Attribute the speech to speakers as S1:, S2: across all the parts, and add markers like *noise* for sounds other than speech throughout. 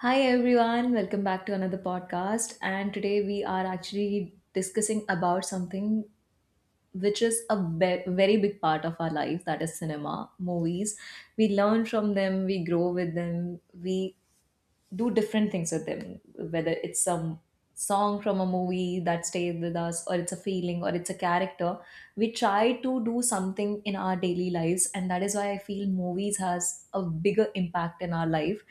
S1: Hi everyone, welcome back to another podcast. And today we are actually discussing about something which is a very big part of our life, that is cinema, movies. We learn from them, we grow with them, we do different things with them, whether it's some song from a movie that stays with us, or it's a feeling, or it's a character. We try to do something in our daily lives, and that is why I feel movies has a bigger impact in our life.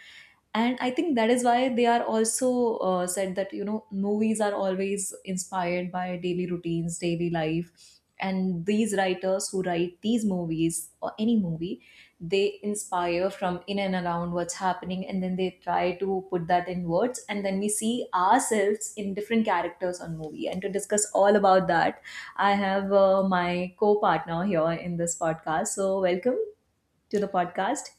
S1: And I think that is why they are also said that you know movies are always inspired by daily routines, daily life, and these writers who write these movies or any movie, they inspire from in and around what's happening, and then they try to put that in words, and then we see ourselves in different characters on movie. And to discuss all about that, I have my co-partner here in this podcast. So welcome to the podcast.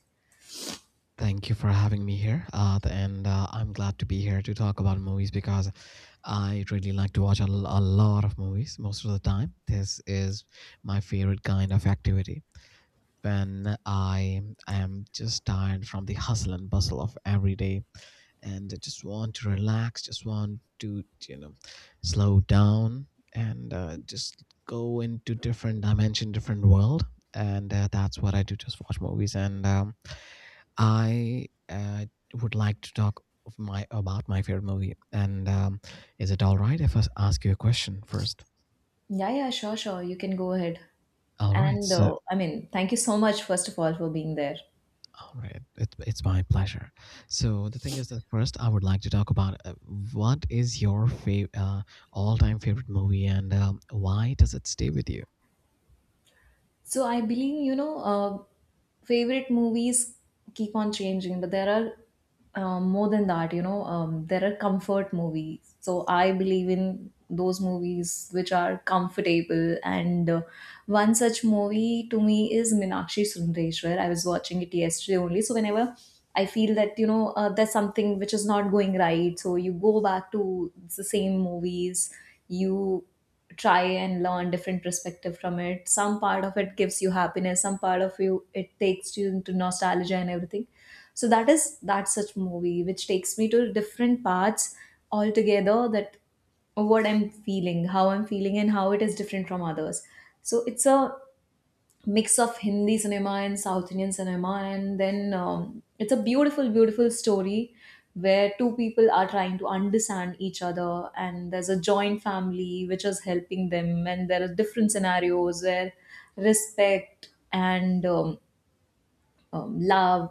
S2: Thank you for having me here. Th- and I'm glad to be here to talk about movies because I really like to watch a lot of movies most of the time. This is my favorite kind of activity. When I am just tired from the hustle and bustle of every day and I just want to relax, just want to, you know, slow down and just go into different dimension, different world. And that's what I do, just watch movies. And I would like to talk of my about my favorite movie. And is it all right if I ask you a question first?
S1: Yeah, yeah, sure, sure, you can go ahead.
S2: All right.
S1: And
S2: So,
S1: I mean thank you so much first of all for being there.
S2: all right. It's my pleasure. So the thing is that first, I would like to talk about what is your fav- all-time favorite movie, and why does it stay with you?
S1: So I believe, favorite movies keep on changing, but there are more than that, there are comfort movies. So I believe in those movies which are comfortable. And one such movie to me is Minakshi Sundareshwar. I was watching it yesterday only. So whenever I feel that, there's something which is not going right, so you go back to the same movies, you try and learn different perspective from it. Some part of it gives you happiness, some part of you it takes you into nostalgia and everything. So that is that such movie which takes me to different parts altogether, that what I'm feeling, how I'm feeling, and how it is different from others. So it's a mix of Hindi cinema and South Indian cinema, and then it's a beautiful, beautiful story where two people are trying to understand each other, and there's a joint family which is helping them, and there are different scenarios where respect and love,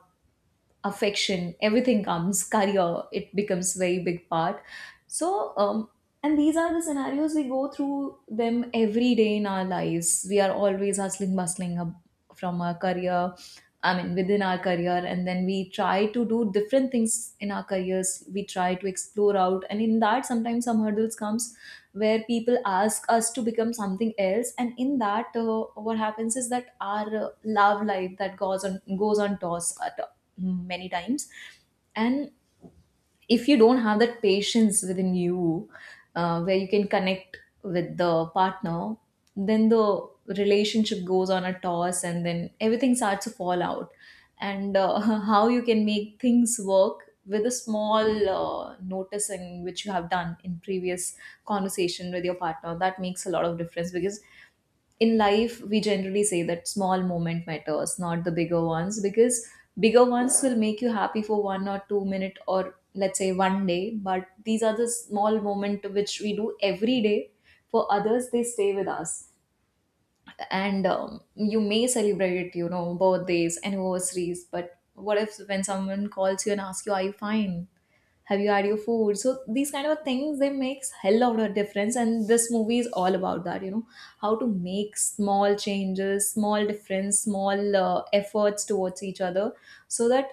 S1: affection, everything comes. Career, it becomes very big part. So and these are the scenarios, we go through them every day in our lives. We are always hustling, bustling up from our career, I mean within our career, and then we try to do different things in our careers, we try to explore out, and in that sometimes some hurdles comes where people ask us to become something else. And in that, what happens is that our love life, that goes on toss at many times. And if you don't have that patience within you, where you can connect with the partner, then the relationship goes on a toss and then everything starts to fall out. And *laughs* how you can make things work with a small noticing which you have done in previous conversation with your partner, that makes a lot of difference. Because in life we generally say that small moment matters, not the bigger ones, because bigger ones will make you happy for 1 or 2 minute, or let's say one day, but these are the small moment which we do every day for others, they stay with us. And you may celebrate, you know, birthdays, anniversaries, but what if when someone calls you and asks you, are you fine, have you had your food? So these kind of things, they makes hell of a difference, and this movie is all about that, you know, how to make small changes, small difference, small efforts towards each other, so that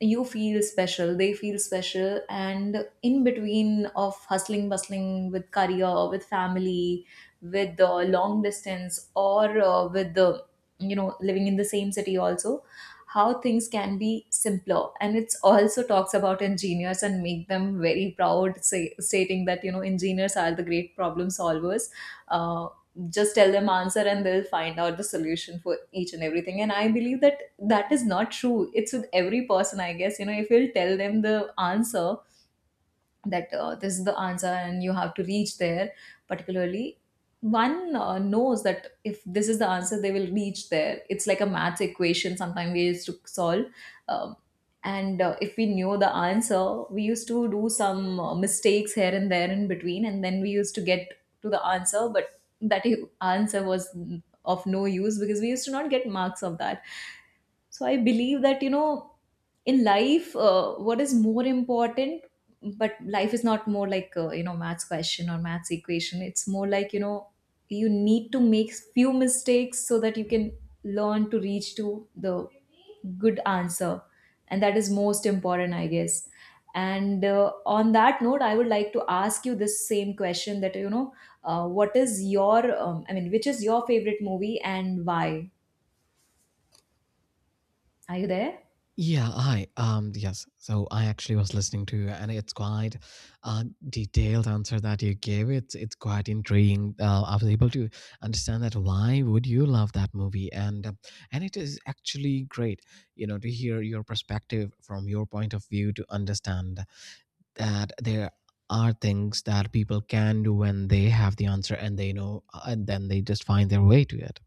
S1: you feel special, they feel special. And in between of hustling, bustling with career, with family, with the long distance, or with the, you know, living in the same city also, how things can be simpler. And it's also talks about engineers and make them very proud, say, stating that you know engineers are the great problem solvers. uh, just tell them answer and they'll find out the solution for each and everything. And I believe that that is not true, it's with every person, I guess, you know, if you'll tell them the answer, that this is the answer and you have to reach there, particularly one knows that if this is the answer, they will reach there. It's like a math equation sometimes we used to solve. Um, and If we knew the answer, we used to do some mistakes here and there in between, and then we used to get to the answer, but that *laughs* answer was of no use because we used to not get marks of that. So I believe that, you know, in life, what is more important, but life is not more like, maths question or maths equation. It's more like, you know, you need to make few mistakes so that you can learn to reach to the good answer. And that is most important, I guess. And on that note, I would like to ask you this same question that, you know, what is your, which is your favorite movie and why? Are you there?
S2: Yeah, hi. Yes. So I actually was listening to you, and it's quite a detailed answer that you gave. It's quite intriguing. I was able to understand that why would you love that movie, and it is actually great, you know, to hear your perspective from your point of view to understand that there are things that people can do when they have the answer and they know, and then they just find their way to it.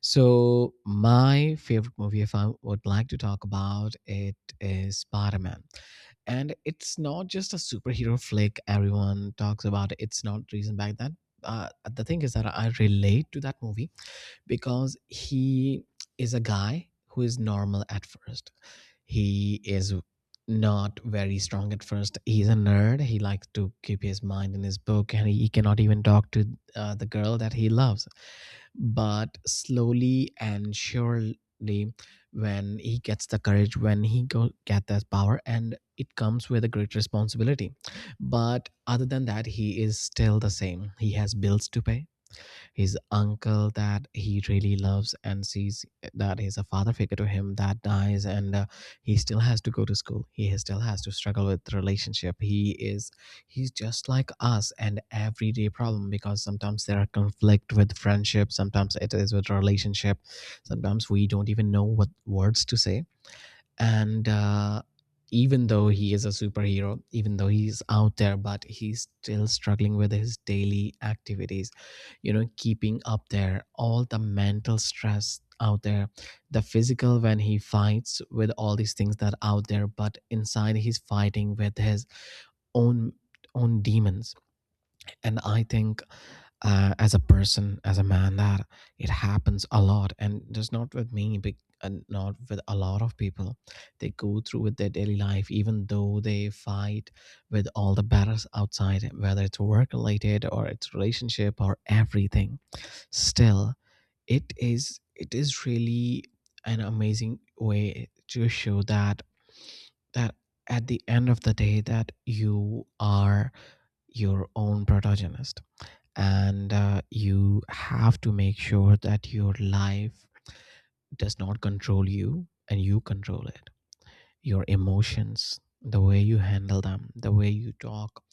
S2: So my favorite movie, if I would like to talk about it, is Spider-Man, and it's not just a superhero flick. Everyone talks about it. It's not reason back then. The thing is that I relate to that movie because he is a guy who is normal at first he is not very strong at first. He's a nerd. He likes to keep his mind in his book and he cannot even talk to the girl that he loves. But slowly and surely, when he gets the courage, when he go get that power, and it comes with a great responsibility. But other than that, he is still the same. He has bills to pay his uncle that he really loves and sees that he's a father figure to him that dies, and he still has to go to school, still has to struggle with relationship, he's just like us and everyday problem because sometimes there are conflict with friendship, sometimes it is with relationship, sometimes we don't even know what words to say, and even though he is a superhero, even though he's out there, but he's still struggling with his daily activities, you know, keeping up there all the mental stress out there, the physical when he fights with all these things that are out there, but inside he's fighting with his own own demons. And I think as a person, as a man, that it happens a lot, and just not with me, but and not with a lot of people, they go through with their daily life even though they fight with all the battles outside, whether it's work related or it's relationship or everything. Still, it is really an amazing way to show that that at the end of the day, that you are your own protagonist, and you have to make sure that your life does not control you and you control it, your emotions, the way you handle them, the way you talk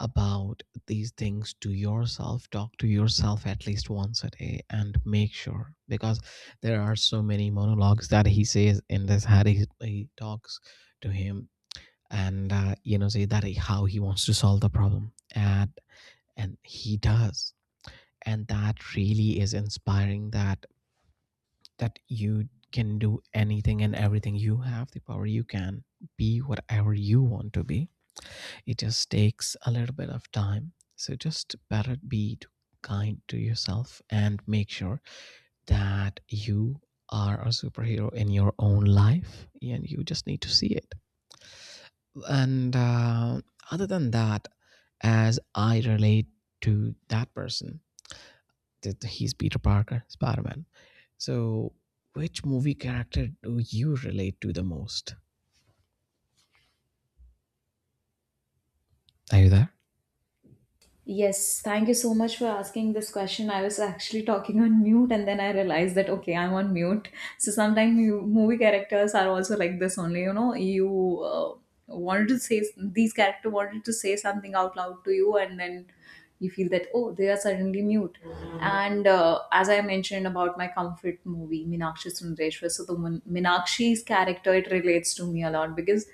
S2: about these things to yourself. Talk to yourself at least once a day and make sure, because there are so many monologues that he says in this, how he talks to him, and you know, say that how he wants to solve the problem, and he does, and that really is inspiring that you can do anything and everything. You have the power. You can be whatever you want to be. It just takes a little bit of time. So just better be kind to yourself and make sure that you are a superhero in your own life and you just need to see it. And other than that, as I relate to that person, that he's Peter Parker, Spider Man. So, which movie character do you relate to the most? Are you there?
S1: Yes, thank you so much for asking this question. I was actually talking on mute and then I realized that, okay, I'm on mute. So sometimes you, movie characters are also like this only, you know, you wanted to say, these character wanted to say something out loud to you, and then you feel that, oh, they are suddenly mute. And as I mentioned about my comfort movie Minakshi Sundareshwar, so the Minakshi's character, it relates to me a lot because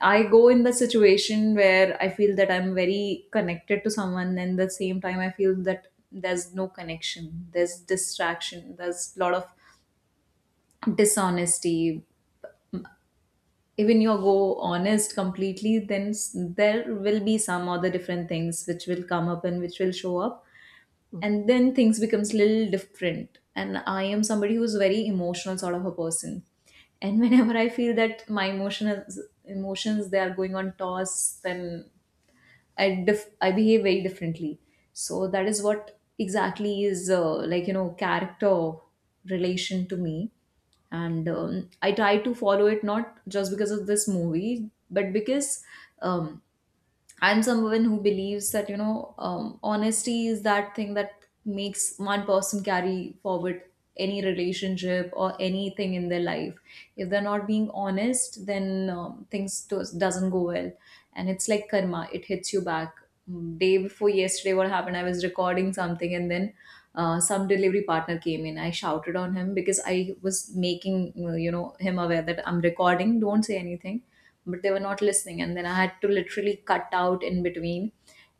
S1: I go in the situation where I feel that I'm very connected to someone, and the same time I feel that there's no connection, there's distraction, there's a lot of dishonesty. Even you go honest completely, then there will be some other different things which will come up and which will show up,
S2: Mm.
S1: and then things becomes little different. And I am somebody who's very emotional sort of a person, and *laughs* whenever I feel that my emotions they are going on toss, then I I behave very differently. So that is what exactly is, like you know, character relation to me. And I try to follow it, not just because of this movie, but because um, I'm someone who believes that, you know, honesty is that thing that makes one person carry forward any relationship or anything in their life. If they're not being honest, then things doesn't go well, and it's like karma. It hits you back. Day before yesterday, what happened? I was recording something, and then some delivery partner came in. I shouted on him because I was making, you know, him aware that I'm recording, don't say anything, but they were not listening, and then I had to literally cut out in between.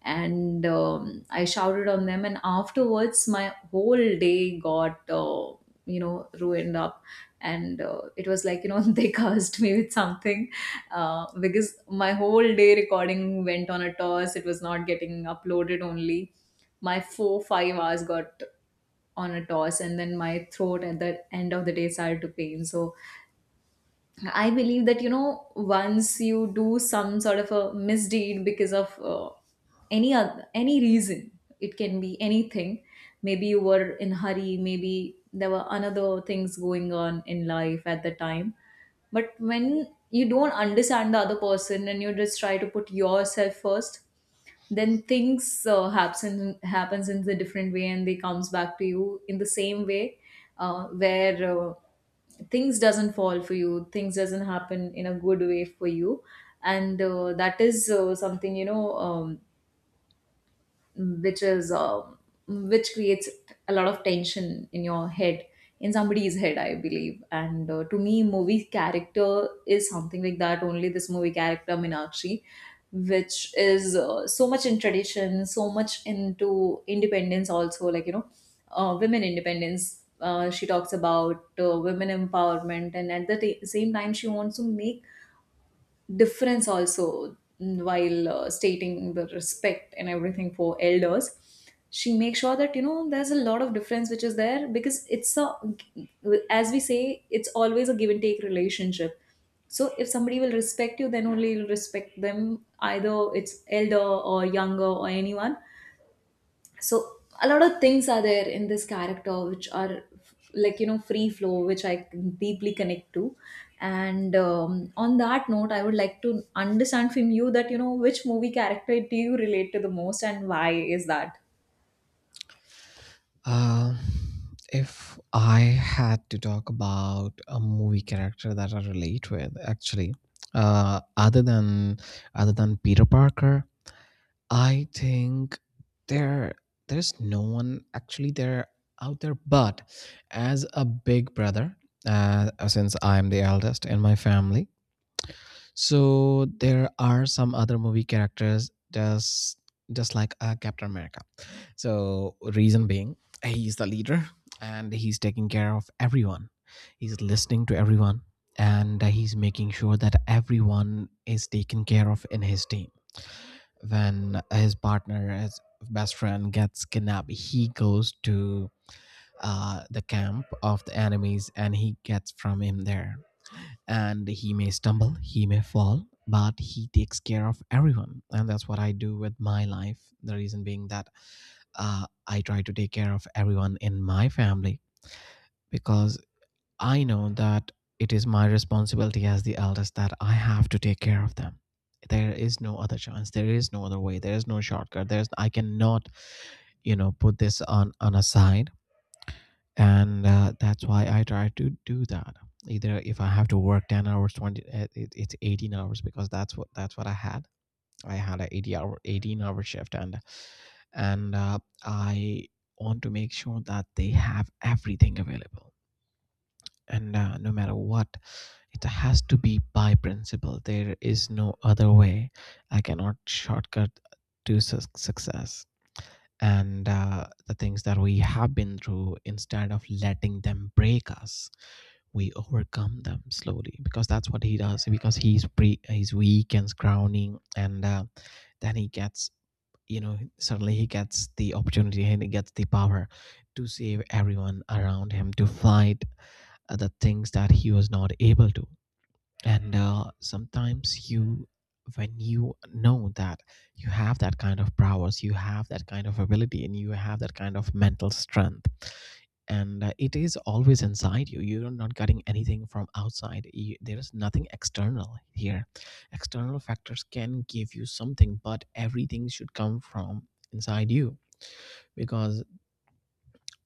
S1: And I shouted on them, and afterwards my whole day got, you know, ruined up. And it was like, you know, *laughs* they cursed me with something, because my whole day recording went on a toss, it was not getting uploaded only. My 4 5 hours got on a toss, and then my throat at the end of the day started to pain. So I believe that, you know, once you do some sort of a misdeed because of any reason, it can be anything. Maybe you were in hurry, maybe there were another things going on in life at the time, but when you don't understand the other person and you just try to put yourself first, then things happens in the different way, and they comes back to you in the same way, where things doesn't fall for you, things doesn't happen in a good way for you. And that is something, you know, which is which creates a lot of tension in your head, in somebody's head, I believe. And to me movie character is something like that only. This movie character Meenakshi, which is so much in tradition, so much into independence also, like you know, women independence, she talks about women empowerment, and at the same time she wants to make difference also, while stating the respect and everything for elders. She makes sure that, you know, there's a lot of difference which is there, because it's a, as we say, it's always a give and take relationship. So if somebody will respect you, then only you'll respect them, either it's elder or younger or anyone. So a lot of things are there in this character which are like you know free flow which I deeply connect to. And on that note I would like to understand from you that, you know, which movie character do you relate to the most, and why is that?
S2: Um, if I had to talk about a movie character that I relate with, actually, uh, other than other than Peter Parker, I think there there's no one actually there out there. But as a big brother, since I'm the eldest in my family, so there are some other movie characters just like Captain America. So reason being, he's the leader and he's taking care of everyone. He's listening to everyone and he's making sure that everyone is taken care of in his team. When his partner, his best friend gets kidnapped, he goes to the camp of the enemies and he gets from him there, and he may stumble, he may fall, but he takes care of everyone. And that's what I do with my life. The reason being that I try to take care of everyone in my family because I know that it is my responsibility as the eldest that I have to take care of them. There is no other chance. There is no other way. There is no shortcut. There's I cannot, you know, put this on a side, and that's why I try to do that, either if I have to work 10 hours, 20 it's 18 hours, because that's what I had, I had a 80 hour 18-hour shift, and I want to make sure that they have everything available, and no matter what, it has to be by principle. There is no other way. I cannot shortcut to success, and the things that we have been through, instead of letting them break us, we overcome them slowly, because that's what he does, because he's weak and scrawny, and then he gets, you know, suddenly he gets the opportunity, and he gets the power to save everyone around him, to fight the things that he was not able to. And sometimes you, when you know that you have that kind of prowess, you have that kind of ability, and you have that kind of mental strength, and it is always inside you, you're not getting anything from outside. There is nothing external here. External factors can give you something, but everything should come from inside you, because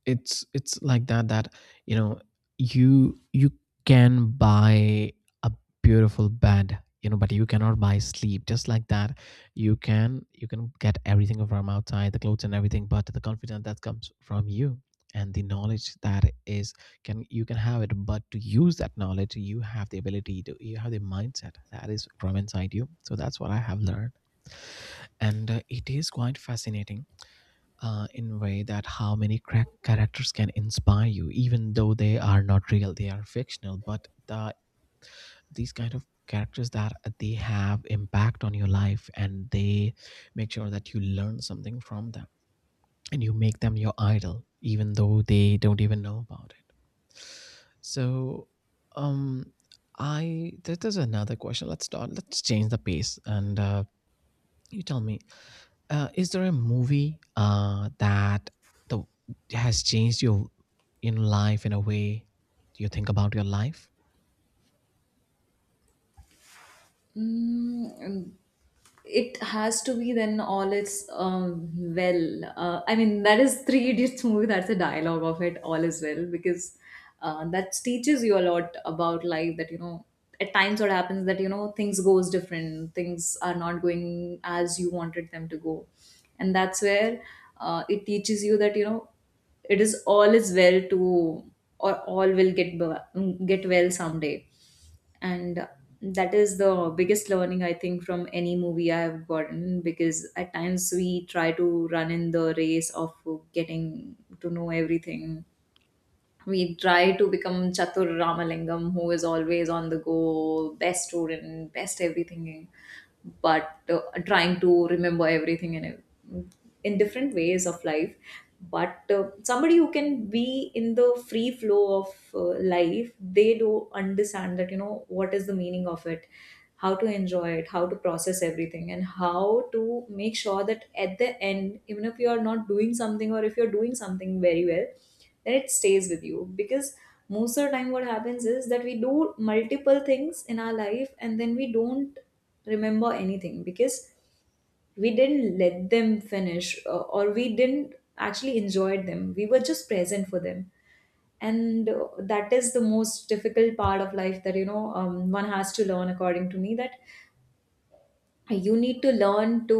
S2: it's like that, that you know, you can buy a beautiful bed, you know, but you cannot buy sleep just like that. You can, you can get everything from outside, the clothes and everything, but the confidence that comes from you, and the knowledge that is, can you can have it, but to use that knowledge, you have the ability to, you have the mindset that is from inside you. So that's what I have learned, and it is quite fascinating in way that how many crack characters can inspire you, even though they are not real, they are fictional, but the these kind of characters, that they have impact on your life, and they make sure that you learn something from them, and you make them your idol, even though they don't even know about it. So um, there's another question. Let's start, let's change the pace, and you tell me, is there a movie that the, has changed your in life in a way you think about your life?
S1: Mm, um, it has to be then all is well. I mean, that is Three Idiots movie. That's a dialogue of it. All is well because that teaches you a lot about life. That, you know, at times what happens, that you know things goes different. Things are not going as you wanted them to go, and that's where it teaches you that you know it is all is well to or all will get get well someday. And that is the biggest learning I think from any movie I have gotten, because at times we try to run in the race of getting to know everything. We try to become Chatur Ramalingam, who is always on the go, best student, best everything, but trying to remember everything in a, in different ways of life, but somebody who can be in the free flow of life, they do understand that you know what is the meaning of it, how to enjoy it, how to process everything, and how to make sure that at the end, even if you are not doing something, or if you're doing something very well, then it stays with you. Because most of the time what happens is that we do multiple things in our life and then we don't remember anything because we didn't let them finish, or we didn't actually enjoy them. We were just present for them. And that is the most difficult part of life that, you know, one has to learn, according to me, that you need to learn to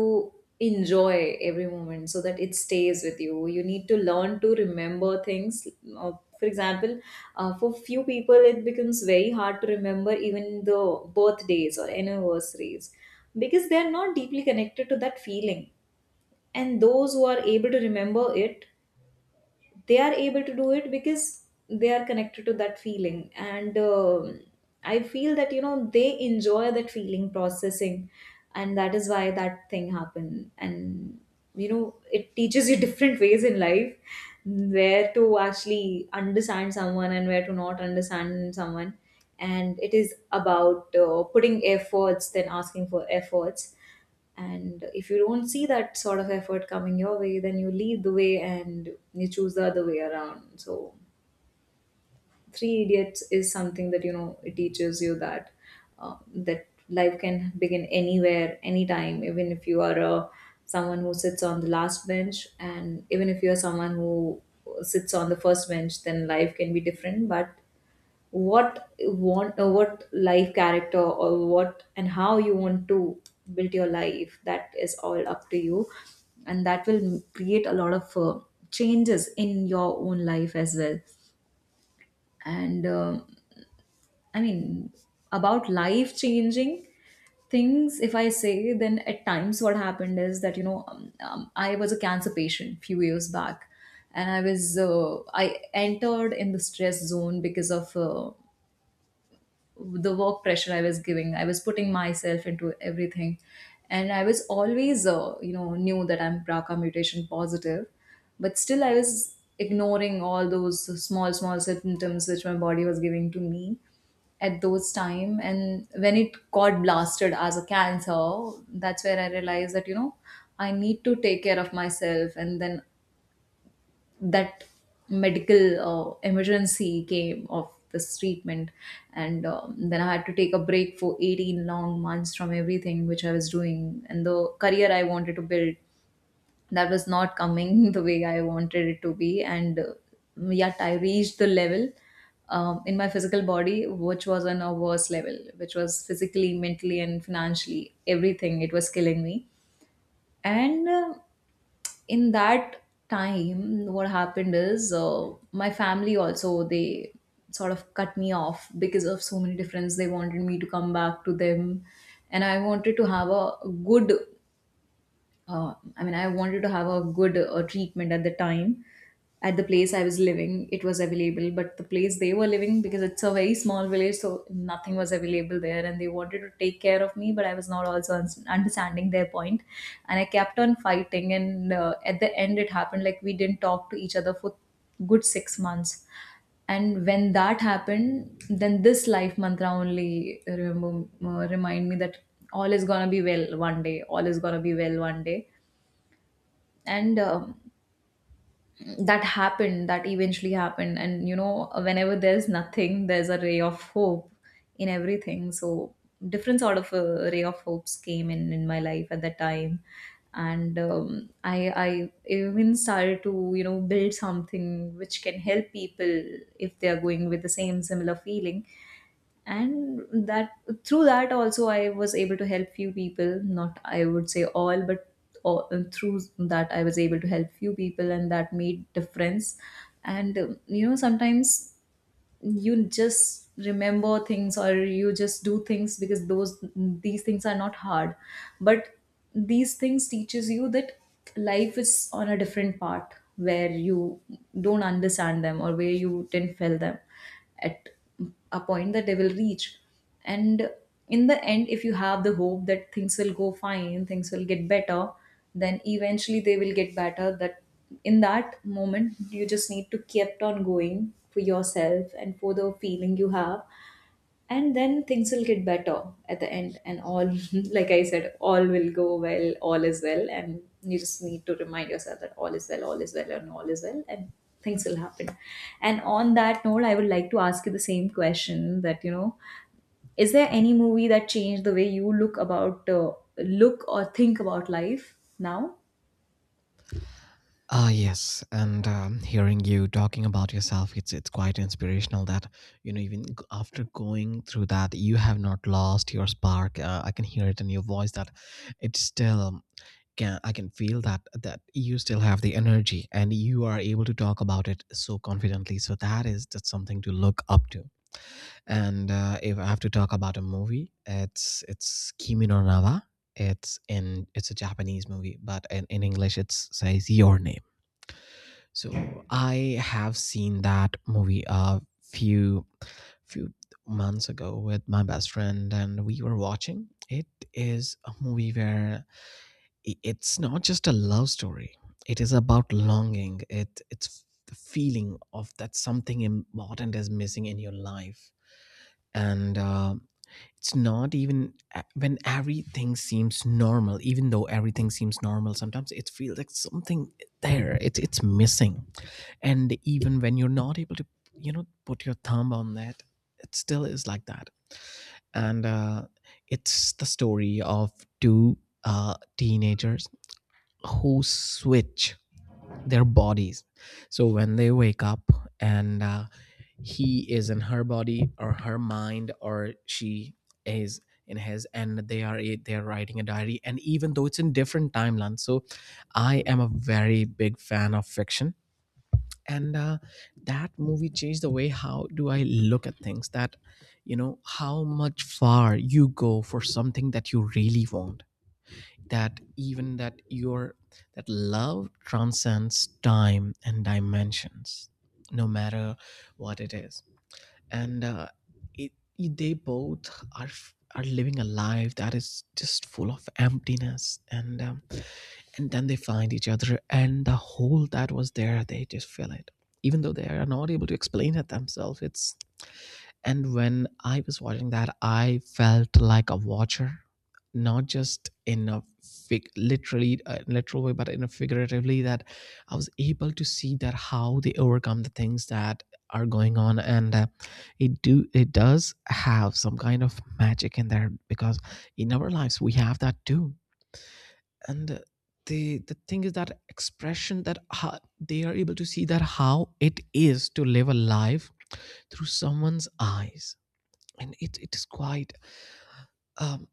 S1: enjoy every moment so that it stays with you. You need to learn to remember things. Uh, for example, for few people it becomes very hard to remember even the birthdays or anniversaries, because they are not deeply connected to that feeling. And those who are able to remember it, they are able to do it because they are connected to that feeling. And I feel that you know they enjoy that feeling processing, and that is why that thing happened. And you know it teaches you *laughs* different ways in life, where to actually understand someone and where to not understand someone. And it is about putting efforts then asking for efforts. And if you don't see that sort of effort coming your way, then you lead the way and you choose the other way around. So, Three Idiots is something that you know it teaches you that that life can begin anywhere, anytime, even if you are a someone who sits on the last bench, and even if you are someone who sits on the first bench, then life can be different. But what you want, what life character, or what and how you want to build your life, that is all up to you. And that will create a lot of changes in your own life as well. And I mean, about life changing things, if I say, then at times what happened is that you know, I was a cancer patient few years back. And I was I entered in the stress zone because of the work pressure I was giving. I was putting myself into everything. And I was always, you know, knew that I'm BRCA mutation positive, but still I was ignoring all those small, small symptoms which my body was giving to me at those time. And when it got blasted as a cancer, that's where I realized that you know I need to take care of myself. And then that medical emergency came of this treatment. And then I had to take a break for 18 long months from everything which I was doing, and the career I wanted to build, that was not coming *laughs* the way I wanted it to be. And yet I reached the level, in my physical body, which was on a worse level, which was physically, mentally, and financially, everything, it was killing me. And in that time what happened is, my family also, they sort of cut me off because of so many difference. They wanted me to come back to them, and I wanted to have a good I mean, I wanted to have a good treatment at the time. At the place I was living, it was available, but the place they were living, because it's a very small village, so nothing was available there, and they wanted to take care of me, but I was not also understanding their point, and I kept on fighting, and at the end, it happened like we didn't talk to each other for good 6 months. And when that happened, then this life mantra only remember remind me that all is gonna be well one day, all is gonna be well one day. And that happened, that eventually happened. And you know whenever there's nothing, there's a ray of hope in everything. So different sort of ray of hopes came in my life at that time. And I even started to, you know, build something which can help people if they are going with the same similar feeling. And that, through that also I was able to help few people, not I would say all, but all, through that I was able to help few people, and that made difference. And you know sometimes you just remember things or you just do things because those these things are not hard, but these things teaches you that life is on a different part, where you don't understand them or where you didn't feel them at a point that they will reach. And in the end, if you have the hope that things will go fine, things will get better, then eventually they will get better. That in that moment you just need to keep on going for yourself and for the feeling you have, and then things will get better at the end. And all *laughs* like I said, all will go well, all is well. And you just need to remind yourself that all is well, all is well, and all is well, and things will happen. And on that note, I would like to ask you the same question, that you know, is there any movie that changed the way you look about, look or think about life now?
S2: Ah, yes, and hearing you talking about yourself, it's quite inspirational that you know, even after going through that, you have not lost your spark. I can hear it in your voice that it's still can I can feel that you still have the energy and you are able to talk about it so confidently. So that is just something to look up to. And if I have to talk about a movie, it's Kimi no Nawa. It's a Japanese movie, but in English it says Your Name. So I have seen that movie a few months ago with my best friend, and we were watching. It is a movie where it's not just a love story. It is about longing. It's the feeling of that something important is missing in your life, and it's not even when everything seems normal. Even though everything seems normal, sometimes it feels like something there. It's missing, and even when you're not able to, put your thumb on that, it still is like that. And It's the story of two teenagers who switch their bodies. So when they wake up and he is in her body, or her mind, or she is in his, and they are they are writing a diary, and even though it's in different timelines. So I am a very big fan of fiction, and that movie changed the way how do I look at things. That, how much far you go for something that you really want, that even that your, that love transcends time and dimensions, no matter what it is. and uh, it, they both are living a life that is just full of emptiness, and then they find each other, and the hole that was there, they just fill it, even though they are not able to explain it themselves. It's, and when I was watching that, I felt like a watcher, not just in a literally literal way, but in a figuratively, that I was able to see that how they overcome the things that are going on. And it do it does have some kind of magic in there, because in our lives we have that too. And the thing is that expression, that they are able to see that how it is to live a life through someone's eyes. And it is quite um,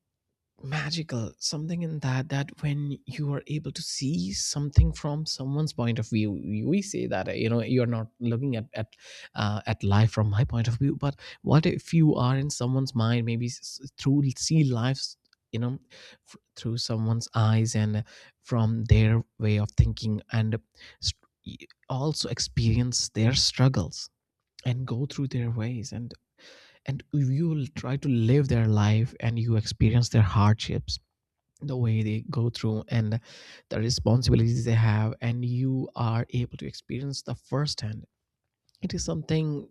S2: magical, something in that, that when you are able to see something from someone's point of view. We say that, you're not looking at at life from my point of view, but what if you are in someone's mind? Maybe through see lives, you know through someone's eyes, and from their way of thinking, and also experience their struggles, and go through their ways, and you will try to live their life, and you experience their hardships, the way they go through, and the responsibilities they have, and you are able to experience the firsthand. It is something,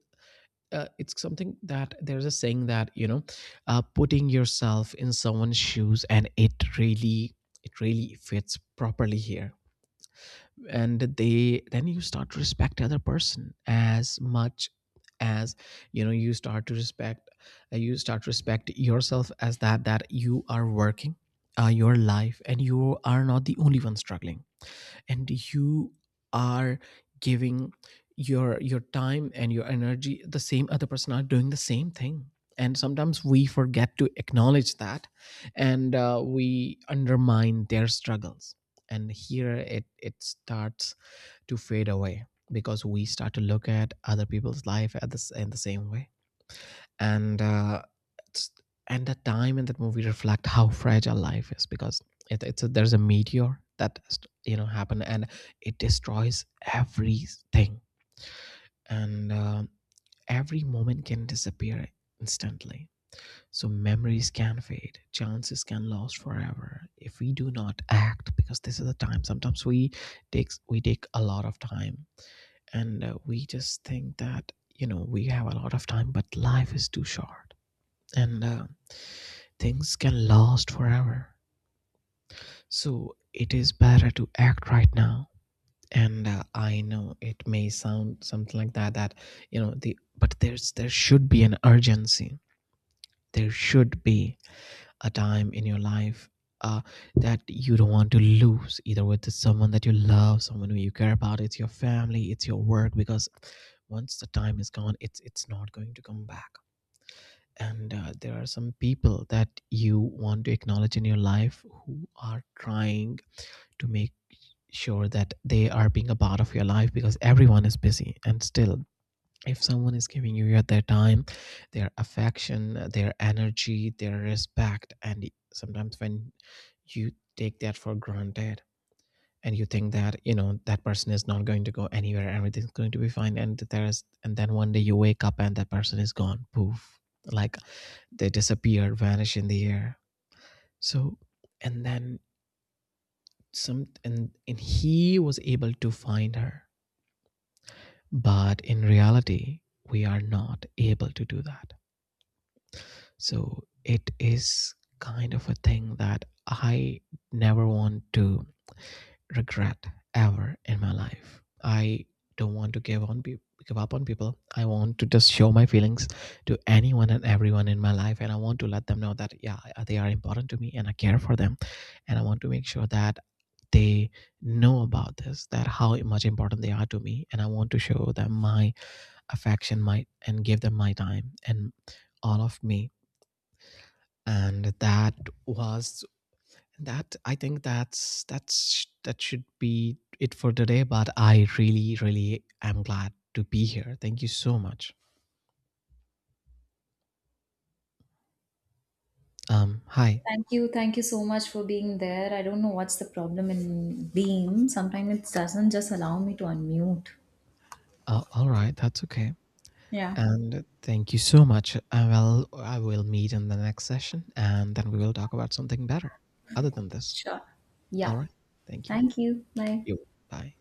S2: it's something that there's a saying that, putting yourself in someone's shoes, and it really, it really fits properly here. And they then you start to respect the other person as much as, you start to respect, you start to respect yourself, as that, that you are working your life, and you are not the only one struggling, and you are giving your time and your energy, the same other person are doing the same thing, and sometimes we forget to acknowledge that. And we undermine their struggles, and here it starts to fade away, because we start to look at other people's life at this in the same way. and uh, it's- and that time in that movie reflect how fragile life is, because it's a, there's a meteor that, happen, and it destroys everything. And every moment can disappear instantly. So memories can fade, chances can last forever if we do not act, because this is the time. Sometimes we takes we take a lot of time, and we just think that, we have a lot of time, but life is too short, and things can last forever, so it is better to act right now. And I know it may sound something like that, that, the but there's there should be an urgency, there should be a time in your life, uh, that you don't want to lose, either with someone that you love, someone who you care about, it's your family, it's your work, because once the time is gone, it's not going to come back. And there are some people that you want to acknowledge in your life, who are trying to make sure that they are being a part of your life, because everyone is busy, and still, if someone is giving you their time, their affection, their energy, their respect, and sometimes when you take that for granted, and you think that, that person is not going to go anywhere, everything's going to be fine, and there's and then one day you wake up and that person is gone, poof, like, they disappear, vanish in the air. So, and then, some and he was able to find her, but in reality we are not able to do that. So it is kind of a thing that I never want to regret, ever in my life. I don't want to give on people, give up on people. I want to just show my feelings to anyone and everyone in my life, and I want to let them know that, yeah, they are important to me and I care for them, and I want to make sure that they know about this, that how much important they are to me, and I want to show them my affection, my, and give them my time, and all of me. And was that, I think that's that should be it for today, but I really really am glad to be here, thank you so much. Hi.
S1: Thank you. Thank you so much for being there. I don't know what's the problem in being. Sometimes it doesn't just allow me to unmute.
S2: All right, that's okay.
S1: Yeah,
S2: And thank you so much, I will meet in the next session, and then we will talk about something better, other than this.
S1: sure.
S2: All
S1: Yeah.
S2: right. Thank you.
S1: Thank you. Bye.
S2: You. Bye.